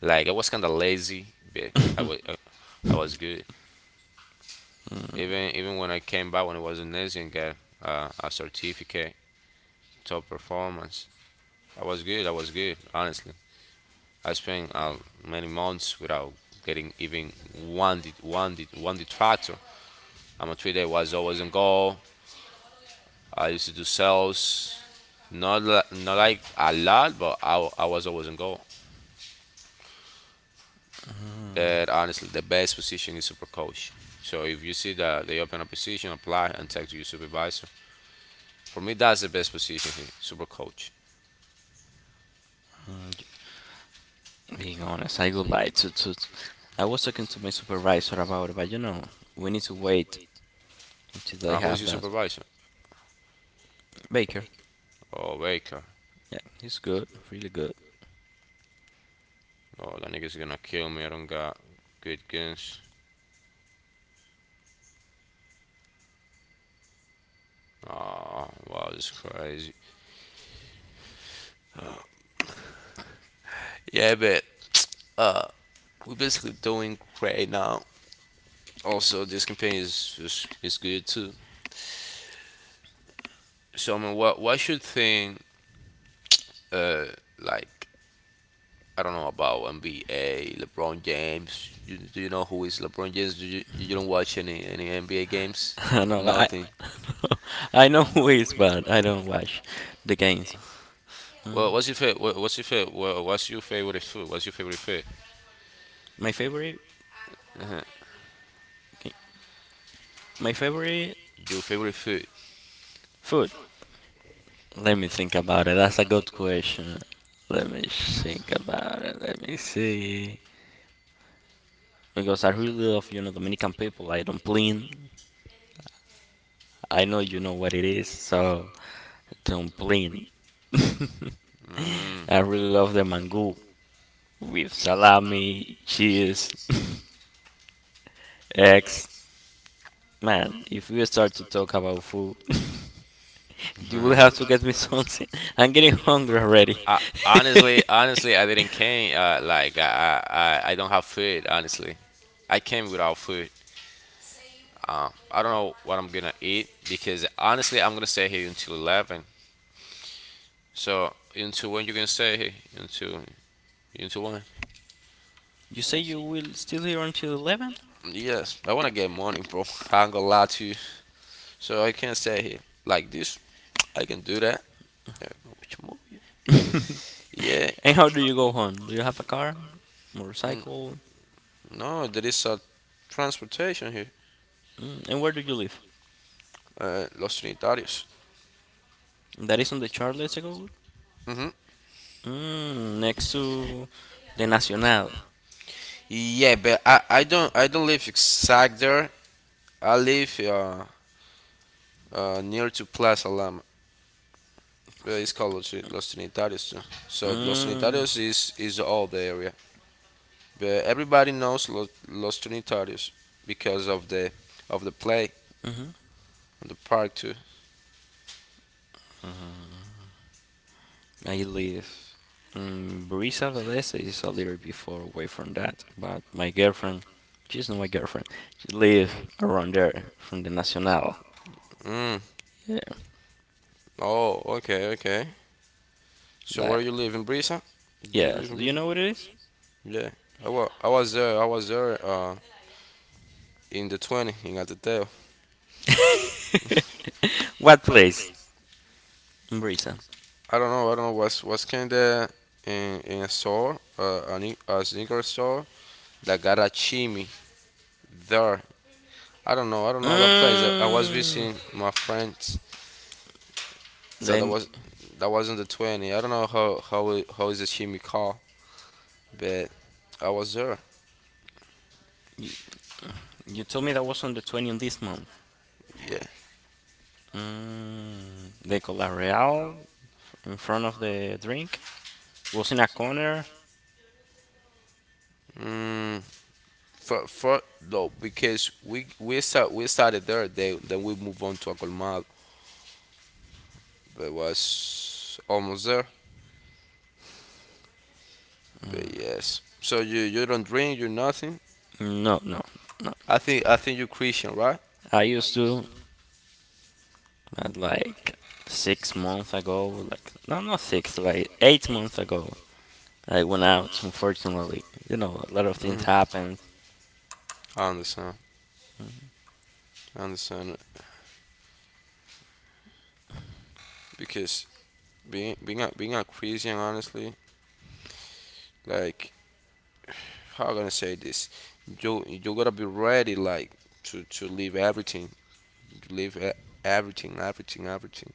S1: like I was kind of lazy, but I was good. Even when I came back when I was in Asian, get a certificate, top performance. I was good. I was good. Honestly, I spent many months without getting even one detractor. I'm a trader. I was always on goal. I used to do sales, not like a lot, but I was always on goal. But honestly, the best position is super coach. So if you see that they open a position, apply and talk to your supervisor. For me, that's the best position here, super coach.
S2: Mm, Being honest, I would like to. I was talking to my supervisor about it, but we need to wait until they
S1: Who's
S2: have
S1: your
S2: that.
S1: supervisor?
S2: Baker,
S1: Oh, Baker.
S2: yeah, he's good, really good.
S1: Oh, that nigga's gonna kill me. I don't got good guns. Oh, wow, this is crazy. Yeah, but we're basically doing great now. Also, this campaign is good too. So, I mean, what should think uh like, I don't know about NBA, LeBron James. You, do you know who is LeBron James? Do you, you don't watch any NBA games?
S2: [LAUGHS] I know I
S1: Nothing.
S2: [LAUGHS] I know who is, but I don't watch the games.
S1: Well, what's your favorite? What's your favorite? What's your favorite food? What's your favorite food?
S2: My favorite my favorite
S1: Your favorite food?
S2: food. Let me think about it. That's a good question. Let me think about it. Let me see. Because I really love, Dominican people. I don't plin. I know you know what it is, so don't plin.
S1: Mhm.
S2: [LAUGHS] I really love the mango, with salami, cheese, [LAUGHS] eggs. Man, if we start to talk about food, [LAUGHS] you will have to
S1: [LAUGHS]
S2: get me [LAUGHS] something. I'm getting hungry already.
S1: I,
S2: [LAUGHS]
S1: honestly, honestly, I didn't came. I don't have food. Honestly, I came without food. I don't know what I'm gonna eat because honestly, I'm gonna stay here until 11. So until when you gonna stay here? Until when?
S2: You say you will still here until 11?
S1: Yes, I wanna get money, bro. I'm gonna lie to you. So I can't stay here like this. I can do that. Yeah. Which movie?
S2: [LAUGHS] And
S1: Yeah.
S2: how do you go home? Do you have a car? Motorcycle?
S1: No, there is a transportation here.
S2: And where do you live?
S1: Uh, Los Trinitarios.
S2: That is on the Charles de Gaulle?
S1: hmm
S2: Next to the Nacional.
S1: Yeah, but I don't live exact there. I live near to Plaza Lama. But it's called Los, Los Trinitarios too. So Los
S2: Mm.
S1: Trinitarios is all the area. But everybody knows Los, Los Trinitarios because of the play
S2: Hmm.
S1: and the park too.
S2: I live in Brisa Velese, is a little bit far away from that, but my girlfriend, she's not my girlfriend, she lives around there from the Nacional.
S1: Mm.
S2: Yeah,
S1: Oh, okay, okay. So where
S2: like,
S1: you live in Brisa? Do you
S2: yes,
S1: live in
S2: do you
S1: Brisa?
S2: know what it is?
S1: Yeah. I was there. I was there in the 20 in Atateo.
S2: [LAUGHS] What place? In Brisa.
S1: I don't know. I don't know. What's kind of in a store, a sneaker store that got a chimney there. I don't know. I don't know the place. I was
S2: Mm,
S1: visiting my friends, so
S2: they, you,
S1: that wasn't the 20. I don't know how is the chimney called, but I was there.
S2: you told me that was on the 20th this month.
S1: Yeah.
S2: The Cola Real in front of the drink was in a corner.
S1: Mm, for no, because we started there. Then we moved on to a colmado, but was almost there. But yes. So you don't drink, you nothing.
S2: No, no, no.
S1: I think you're Christian, right?
S2: I used to But like 6 months ago, like no, not six, like 8 months ago, I went out. Unfortunately, a lot of things
S1: Hmm.
S2: happened.
S1: I understand. I understand it. Because being a Christian, honestly, like how I gonna say this, you gotta be ready, like to leave everything, to leave e- everything, everything, everything,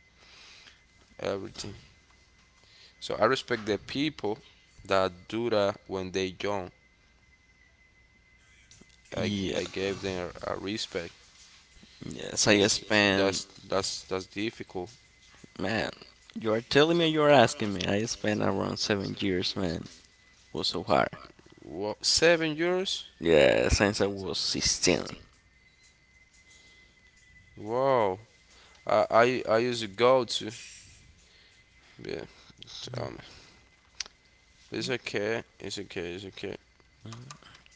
S1: everything. So I respect the people that do that when they young. I
S2: Yeah,
S1: I gave them a respect
S2: yes, I
S1: because that's
S2: spent
S1: that's that's difficult.
S2: man. You are telling me, you are asking me. I spent around 7 years, man. Was so hard.
S1: What? 7 years?
S2: Yeah, since I was 16.
S1: Wow. I used to go to. Yeah, tell me. It's okay. It's okay. It's okay.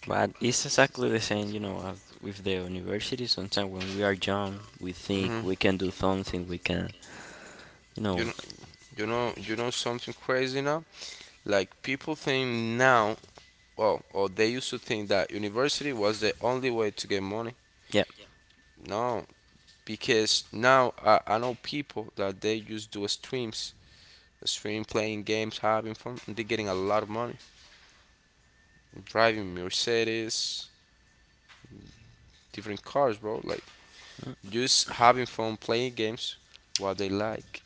S2: But it's exactly the same, as with the university. Sometimes when we are young, we
S1: hmm
S2: think we can do something. We can, you
S1: You
S2: know,
S1: know, you know you know something crazy now? Like people think now, well, or they used to think that university was the only way to get money.
S2: yeah.
S1: No, because now I know people that they just do streams, stream playing games, having fun, and they're getting a lot of money, driving Mercedes, different cars, bro. Like just having fun playing games what they like.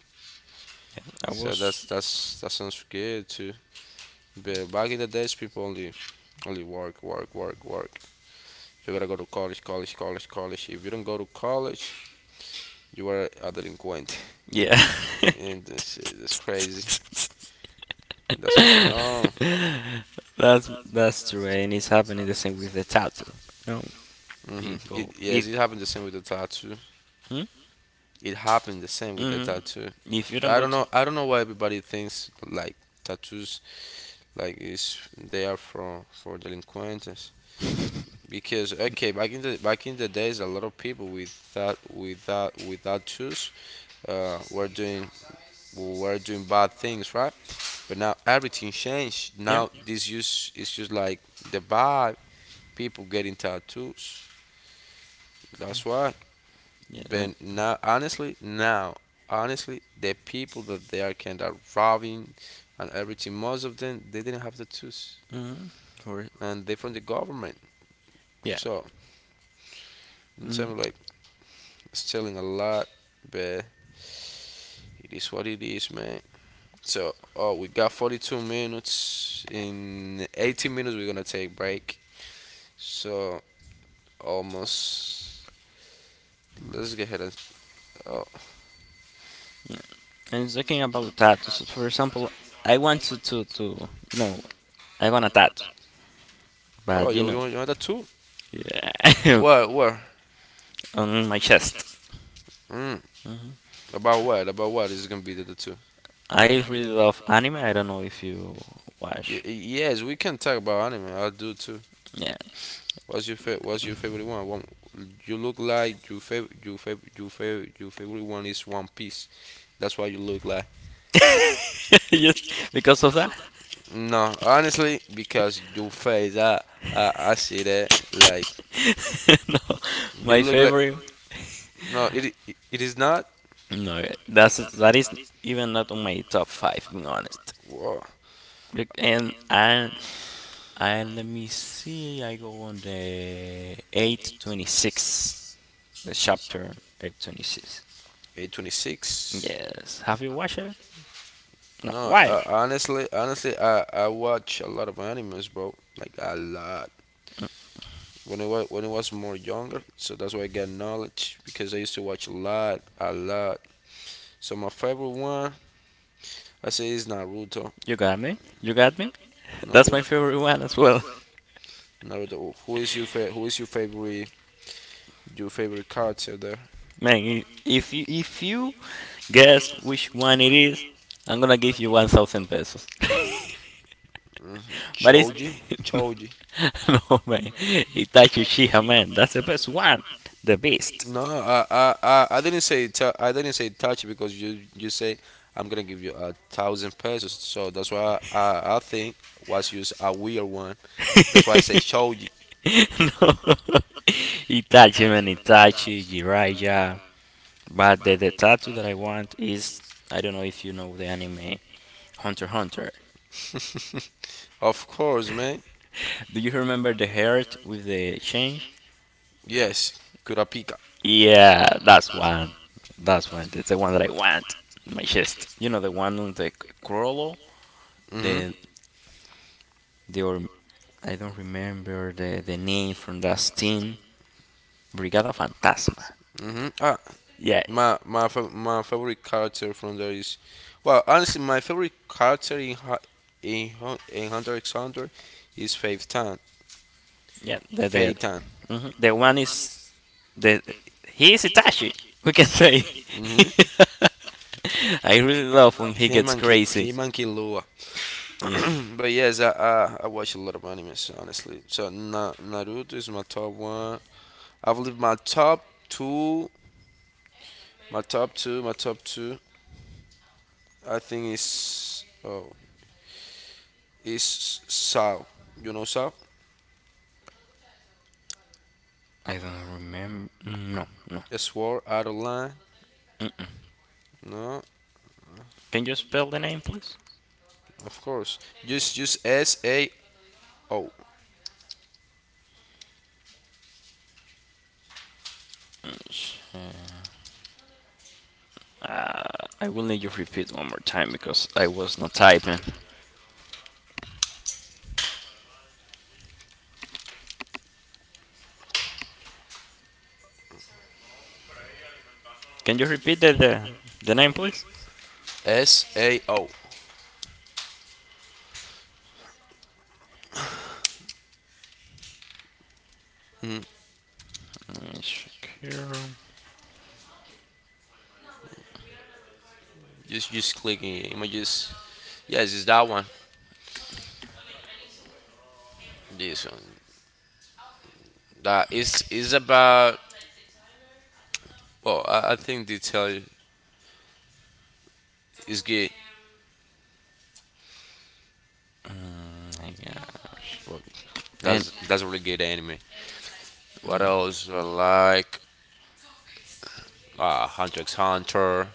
S2: Yeah. I
S1: So
S2: was
S1: that sounds good too. But back in the days, people only work, work, work, work. You gotta go to college, college, college, college. If you don't go to college, you are a delinquent,
S2: Yeah,
S1: [LAUGHS] and that's crazy. That's crazy. No.
S2: [LAUGHS] that's true, and it's happening the same with the tattoo. No, people,
S1: Yes,
S2: if
S1: it happened the same with the tattoo.
S2: hmm?
S1: It happened the same with the
S2: Hmm,
S1: tattoo.
S2: if you don't
S1: I
S2: go
S1: don't
S2: to,
S1: know. I don't know why everybody thinks like tattoos like is they are for delinquents. Because okay, back in the days a lot of people without tools were doing bad things, right? But now everything changed.
S2: yep,
S1: Now this use is just like the bad people getting tattoos, that's why.
S2: yeah,
S1: But now honestly, the people that they are kind of robbing and everything, most of them they didn't have tattoos,
S2: hmm, or
S1: and they from the government.
S2: yeah,
S1: So it's
S2: hmm,
S1: like stealing a lot, but it is what it is, man. So, oh, we got 42 minutes. In 18 minutes, we're gonna take break. So, almost. Let's get ahead. And, oh,
S2: and talking about tattoos, for example, I want to no, I want a tattoo,
S1: oh,
S2: but
S1: you want that too?
S2: yeah,
S1: What? Where?
S2: [LAUGHS] on my chest.
S1: Mm, about what? About what is gonna be the two?
S2: I really love anime. I don't know if you watch.
S1: Yes, we can talk about anime. I'll do too.
S2: Yeah,
S1: What's your favorite? What's your favorite one? You look like your favorite. Your favorite. Your favorite. Your favorite one is One Piece. That's why you look like.
S2: [LAUGHS] just because of that.
S1: No, honestly, because your face, I see that. Like
S2: [LAUGHS] No,
S1: you
S2: my
S1: look like.
S2: favorite.
S1: No, it is not.
S2: No, that's that is even not on my top five. Being honest,
S1: Whoa,
S2: look, and let me see. I go on the 826, the chapter 826.
S1: 826.
S2: Yes, have you watched it? No,
S1: No,
S2: why?
S1: honestly, I watch a lot of animes, bro. Like a lot. When I was more younger, so that's why I got knowledge because I used to watch a lot, a lot. So my favorite one, I say, is Naruto.
S2: You got me. You got me. [LAUGHS] That's my
S1: Naruto.
S2: favorite one as well.
S1: Naruto. Who is your favorite? Your favorite character there?
S2: Man, if you guess which one it is, I'm gonna give you 1,000 pesos. [LAUGHS] but it's
S1: Told you,
S2: [LAUGHS] No,
S1: told you.
S2: no man, Itachi Uchiha man, that's the best one, the best.
S1: No, I didn't say touch because you say I'm gonna give you 1,000 pesos. So that's why I think was use a weird one. That's why I say told you.
S2: [LAUGHS] No, [LAUGHS] Itachi man, Itachi Jiraiya. But the tattoo that I want is, I don't know if you know the anime Hunter x Hunter.
S1: [LAUGHS] Of course, man.
S2: Do you remember the heart with the chain?
S1: Yes, Kurapika.
S2: Yeah, that's one. That's one. It's the one that I want. My chest. You know the one on the Corolo?
S1: Mhm,
S2: The the or I don't remember the name from that team. Brigada Fantasma.
S1: mhm. Ah,
S2: Yeah,
S1: my favorite character from there is, well, honestly, my favorite character in in Hunter x Hunter is Faith Tan.
S2: yeah. The
S1: Faith Tan.
S2: mhm. the one is, the he is Itachi. We can say. [LAUGHS]
S1: Mhm.
S2: I really love when he gets crazy.
S1: Hey monkey Lua.
S2: Yeah.
S1: [CLEARS THROAT] But yes, I watch a lot of animes honestly. So Naruto is my top one. I believe two, my top two. I think is Sao. You know Sao?
S2: I don't remember. No, no.
S1: A sword out of line. No,
S2: Can you spell the name, please?
S1: of course. Just S A O
S2: Mm, I will need you to repeat one more time because I was not typing. Can you repeat the name, please?
S1: S A O.
S2: Let me check here. Oh
S1: Just clicking images. Yes, it's that one. This one. That is about. Well, I think they tell you. It's good.
S2: my gosh.
S1: Well,
S2: And
S1: that's a really good anime. What else? I like Hunter x Hunter,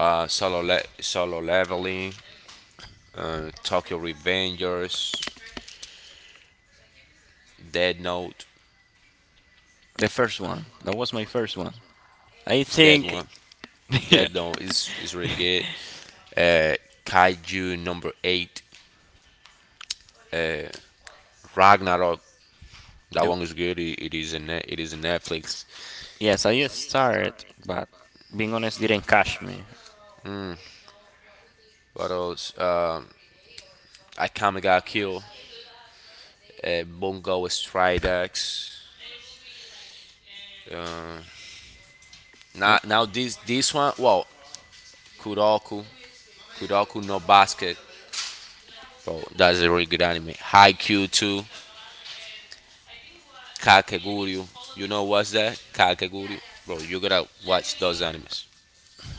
S1: Solo Leveling, Tokyo Revengers, Dead Note,
S2: the first one. That was my first one. I
S1: Dead
S2: think.
S1: One,
S2: [LAUGHS] Yeah.
S1: Dead Note is really good. Uh, Kaiju number eight, uh, Ragnarok. That
S2: The-
S1: one is good. It is a Netflix.
S2: yes, I just started, but being honest, didn't catch me.
S1: What else? Akame ga Kill, Bungo Stridex. Uh,
S2: No,
S1: Now, this one. Well, Kuroko, Kuroko no Basket. Bro, that's a really good anime. Haikyuu 2, Kakeguryu. You know what's that? Kakeguryu. Bro, you're gonna watch those animes.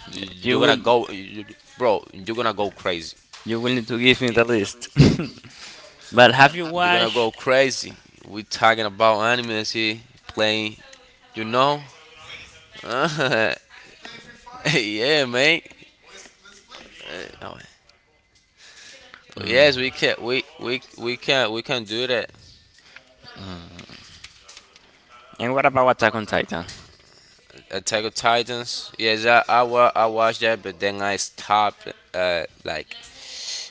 S1: You're
S2: You
S1: gonna
S2: will
S1: go, you, bro. You're gonna go crazy.
S2: you will need to give me the list. [LAUGHS] But have you
S1: You're gonna go
S2: watched?
S1: crazy. We are talking about animes here, playing. You know? [LAUGHS] Yeah, man. Oh, yes, we can. We can do that.
S2: And what about Attack on Titan?
S1: Attack of Titans. Yes, I watched that, but then I stopped. Like,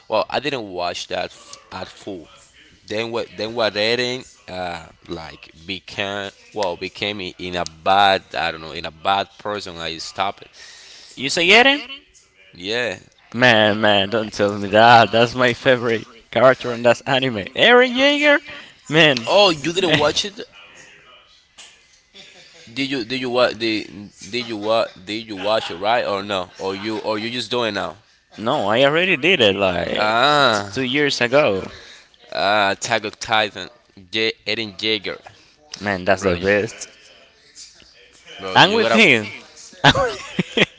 S1: well, I didn't watch that at full. Then what? Then what? Reading, like became well in a bad, I don't know, in a bad person. I stopped it.
S2: You say Eren?
S1: Yeah.
S2: Man, man, don't tell me that. That's my favorite character in that anime. Eren Jaeger? Man.
S1: Oh, you didn't watch it? Did you? Did you what? Did you what? Did you watch it right or no? Or you just doing now?
S2: [LAUGHS] No, I already did it like
S1: Ah,
S2: 2 years ago.
S1: ah, Attack of Titan. J. Eden Jaeger,
S2: Man, that's the
S1: bro.
S2: best.
S1: Bro,
S2: I'm
S1: you
S2: with
S1: gotta.
S2: him.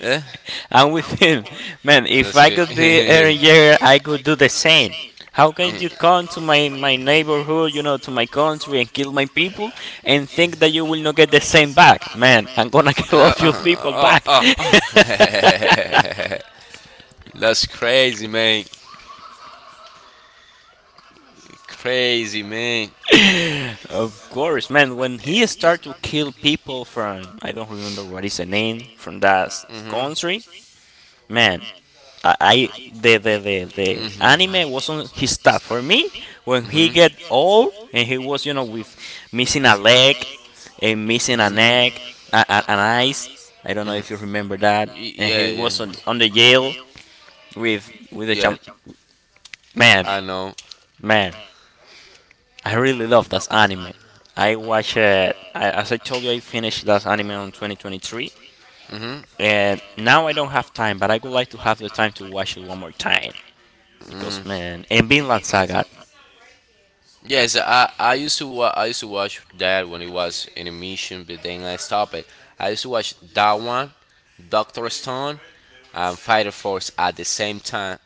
S1: Eh?
S2: I'm with him. Man, if
S1: That's
S2: I
S1: good.
S2: could be Aaron Jagger, I could do the same. How can you come to my neighborhood, you know, to my country and kill my people
S1: [LAUGHS]
S2: and think that you will not get the same back? Man, I'm gonna [LAUGHS] kill all
S1: Uh,
S2: your people
S1: uh,
S2: back.
S1: uh,
S2: [LAUGHS]
S1: uh, [LAUGHS] That's crazy, man. Crazy, man.
S2: Of course, man. When he started to kill people from, I don't remember what is the name from that
S1: Mhm.
S2: country, man. I the anime
S1: Mhm.
S2: wasn't his stuff for me. When he
S1: Mhm.
S2: get old and he was, you know, with missing a leg and missing a neck, an eyes. I don't know
S1: Mhm.
S2: if you remember that. And
S1: Yeah,
S2: he
S1: yeah.
S2: was on the jail with the
S1: Yeah,
S2: champ. Man,
S1: I know.
S2: man, I really love that anime. I watch it. I, as I told you, I finished that anime on 2023,
S1: Hmm.
S2: and now I don't have time. But I would like to have the time to watch it one more time because man, and Vinland Saga,
S1: Yes, I used to watch that when it was in emission, but then I stopped it. I used to watch that one, Doctor Stone, and Fighter Force at the same time.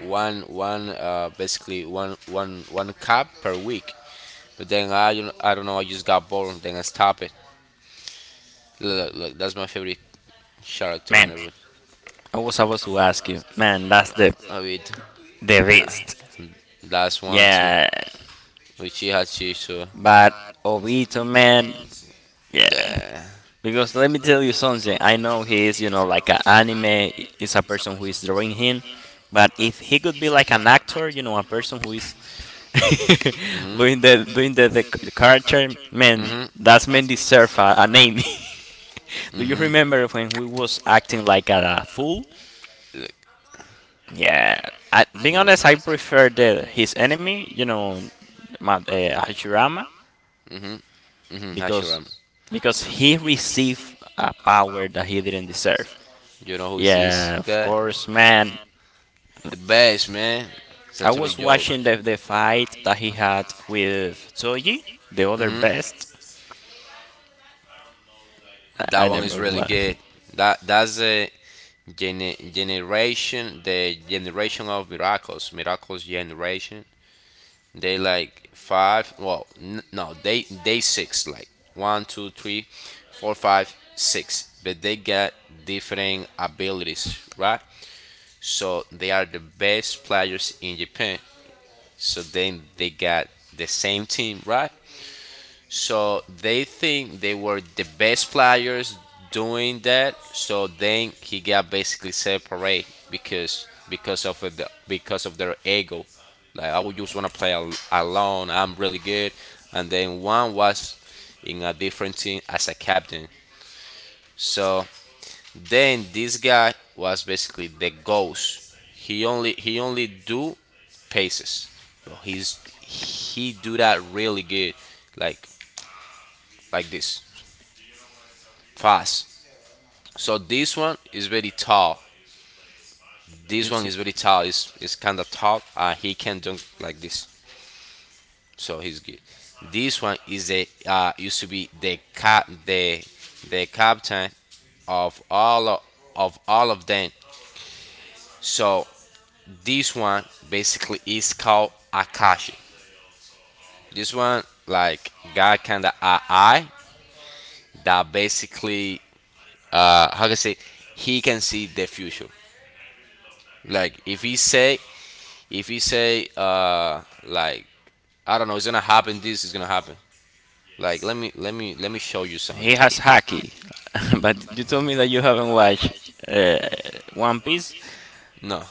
S1: One one basically one cap per week. But then I don't know, I just got bored. Then I stopped it. Look, look, that's my favorite character in
S2: man,
S1: the room.
S2: I was about to ask you, man. That's
S1: I mean,
S2: the best.
S1: that's one too. Yeah.
S2: Yeah,
S1: Uchiha Chiso.
S2: but Obito, man. Yeah,
S1: Uh,
S2: because let me tell you something. I know he is, you know, like an anime is a person who is drawing him, but if he could be like an actor, you know, a person who is [LAUGHS] doing the character, man. That's man deserve a name. [LAUGHS] Do you remember when we was acting like a fool?
S1: Look,
S2: Yeah, I, being
S1: mother.
S2: honest, I prefer the his enemy, you know, Hashirama,
S1: Mhm,
S2: because
S1: Hashirama.
S2: because he received a power that he didn't deserve.
S1: You know who's this
S2: Yeah, of
S1: guy?
S2: course, man.
S1: The best man. It's a
S2: I
S1: true
S2: was
S1: joke.
S2: watching the fight that he had with Toji, the other best.
S1: That
S2: I
S1: one is
S2: never
S1: really
S2: watched.
S1: good. That's a generation, the generation of miracles, miracles generation. They like five. Well, no, they six. Like one, two, three, four, five, six. But they got different abilities, right? So they are the best players in Japan. So then they got the same team, right? So they think they were the best players doing that. So then he got basically separated because of the because of their ego. Like I would just want to play alone. I'm really good. And then one was in a different team as a captain. So then this guy was basically the ghost. He only do paces. So he do that really good, like this. Fast. So this one is very tall.
S2: You
S1: This one
S2: see,
S1: is very tall. It's kind of tall. He can dunk like this. So he's good. This one is a used to be the captain of of all of them. So this one basically is called Akashi. This one like got kind of a eye that basically how can I say, he can see the future. Like if he say like, I don't know, it's gonna happen. This is gonna happen. Like let me show you
S2: he
S1: something.
S2: has Haki, [LAUGHS] but you told me that you haven't watched uh, One Piece.
S1: No.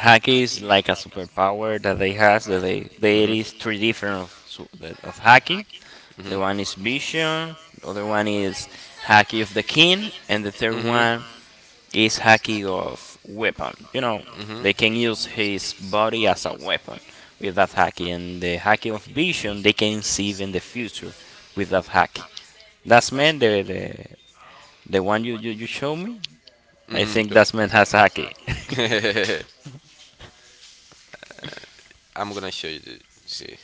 S2: Haki is like a superpower that they has. That they there is three different of Haki. The one is Vision. The other one is Haki of the King, and the third one is Haki of Weapon. You know, they can use his body as a weapon with that Haki, and the Haki of Vision they can see even the future with that Haki. That's man the the one you show me. I
S1: Hmm.
S2: think that's man
S1: [LAUGHS]
S2: has Haki.
S1: I'm gonna show you. This. See.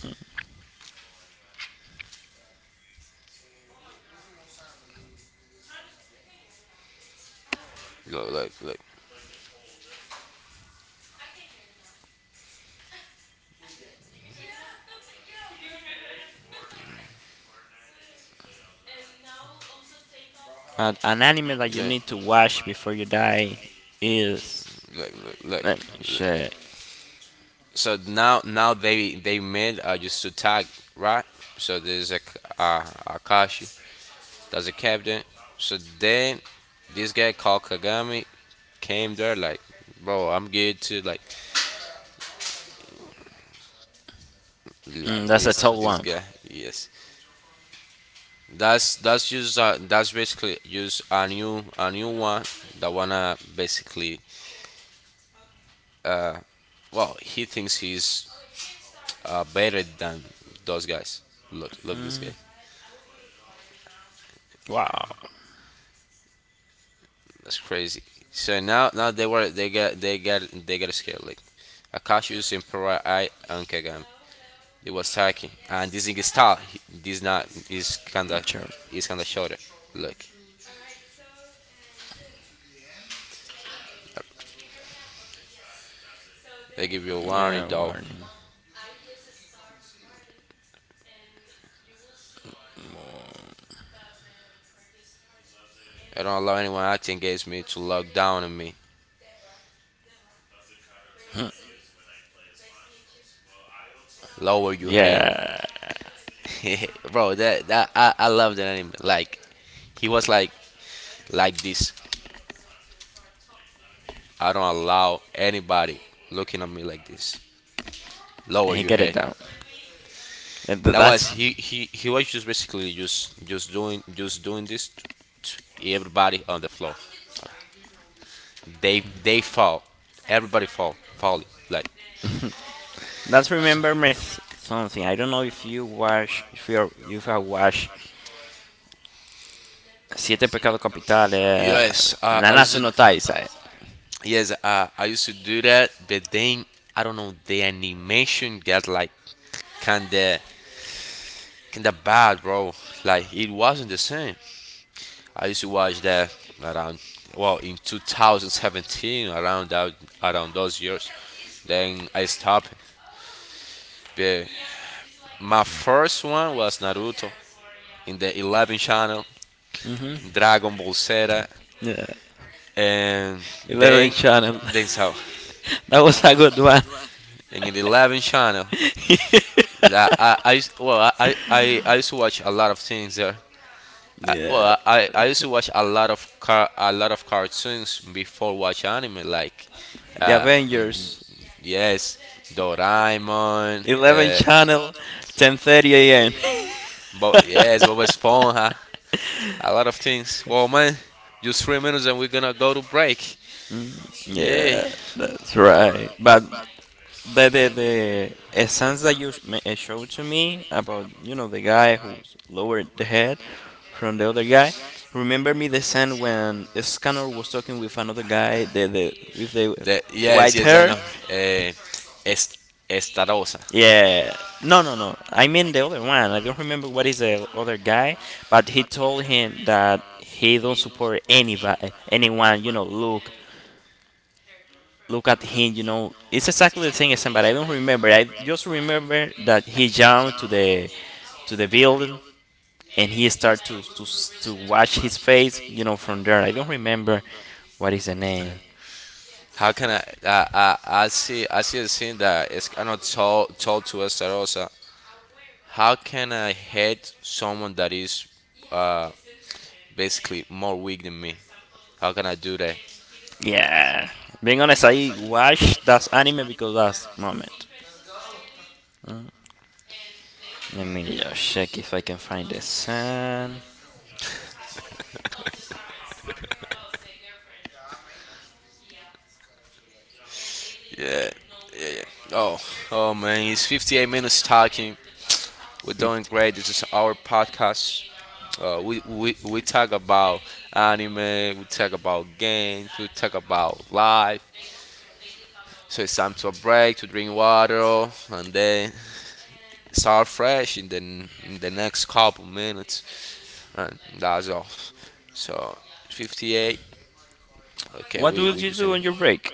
S1: Look, look, look,
S2: An anime that you
S1: look,
S2: need to watch before you die is,
S1: look, look, look.
S2: let me
S1: Look.
S2: check.
S1: So now now they made just to tag, right. So there's a Akashi. That's a captain. So then this guy called Kagami came there like, bro, I'm good to
S2: Mm,
S1: like
S2: that's a tough
S1: this
S2: one.
S1: guy. Yes, that's basically just a new one that wanna basically uh well, he thinks he's better than those guys. Look, look, this
S2: Mm,
S1: guy.
S2: wow.
S1: That's crazy. So now now they got scared like Akashius Emperor I and Kagami. It was Taki, and this thing is tall. This not is kinda
S2: Sure.
S1: is kinda shorter. Look, they give you a warning
S2: Yeah.
S1: though.
S2: Warning.
S1: I don't allow anyone acting against me to look down on me. Lower your head.
S2: Yeah.
S1: [LAUGHS] Bro. That I love that anime. Like he was like this. I don't allow anybody looking at me like this. Lower
S2: He
S1: your
S2: get it
S1: head.
S2: down.
S1: That was
S2: That's
S1: he was just basically just doing this to everybody on the floor. They fall. Everybody fall falling. Like,
S2: that's remember me something. I don't know if you watch, if you you have watched Siete Pecados Capitales,
S1: yes,
S2: Nanatsu no Taizai.
S1: Yes, I used to do that, but then I don't know, the animation got like kinda kinda bad, bro. Like it wasn't the same. I used to watch that around, well, in 2017, around those years. Then I stopped. But my first one was Naruto in the 11 channel,
S2: Mm-hmm.
S1: Dragon Ball Z,
S2: Yeah.
S1: and
S2: 11
S1: then
S2: Channel.
S1: then
S2: [LAUGHS]
S1: so
S2: That was a good one.
S1: in the 11 channel.
S2: [LAUGHS]
S1: Yeah, well, used to watch a lot of things there.
S2: Yeah.
S1: Well, I used to watch a lot of a lot of cartoons before watch anime. Like,
S2: The Avengers.
S1: yes, Doraemon.
S2: 11 Channel. 10:30 a.m. [LAUGHS]
S1: But yes, Bob Esponja. A lot of things. Well, man, just 3 minutes and we're gonna go to break.
S2: Mm,
S1: Yeah.
S2: yeah, that's right. But the the essence that you showed to me about, you know, the guy who lowered the head from the other guy remember me the scene when Scanner was talking with another guy, the with the
S1: Yes,
S2: white
S1: yes, I
S2: hair.
S1: know. Uh, es, Estarosa.
S2: Yeah. No, no, no. I mean the other one. I don't remember what is the other guy, but he told him that he don't support anybody, anyone. You know, look, look at him. You know, it's exactly the same as him, but I don't remember. I just remember that he jumped to the building and he started to to wash his face. You know, from there. I don't remember what is the name.
S1: How can I? See. I see a scene that is kind of told to us Rosa. How can I hate someone that is, uh, basically more weak than me? How can I do that?
S2: Yeah. Being honest, I watched that anime because that moment. Let me just check if I can find the sand.
S1: Oh, oh man, it's 58 minutes talking. We're doing
S2: 15.
S1: great. This is our podcast. We talk about anime. We talk about games. We talk about life. So it's time to a break to drink water and then start fresh in the next couple minutes, and that's all. So 58. Okay,
S2: What
S1: we
S2: will
S1: we
S2: you
S1: just.
S2: do on your break?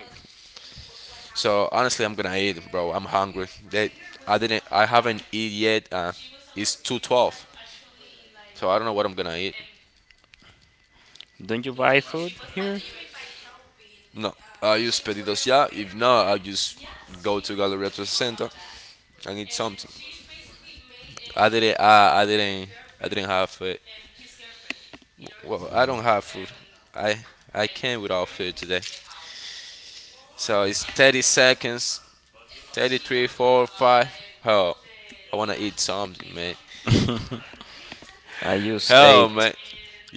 S1: So honestly, I'm gonna eat, bro. I'm hungry. I didn't. I haven't eat yet. It's 2:12, so I don't know what I'm gonna eat.
S2: Don't you buy food here?
S1: No, I use pedidos ya. If not, I will just go to Galleria to the center and eat something. I didn't. I didn't. I didn't have food. Well, I don't have food. I I came without food today. So it's 30 seconds. 33, 4, 5. Hell, I want to eat something, man.
S2: [LAUGHS] I use
S1: Hell,
S2: eight.
S1: man.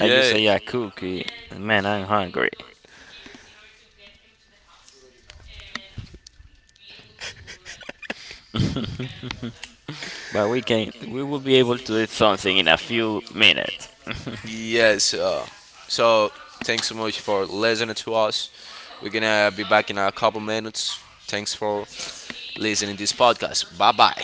S2: I use a, yeah, cookie. And man, I'm hungry. But we can. We will be able to eat something in a few minutes. [LAUGHS]
S1: yes. So, thanks so much for listening to us. We're going to be back in a couple minutes. Thanks for listening to this podcast. Bye bye.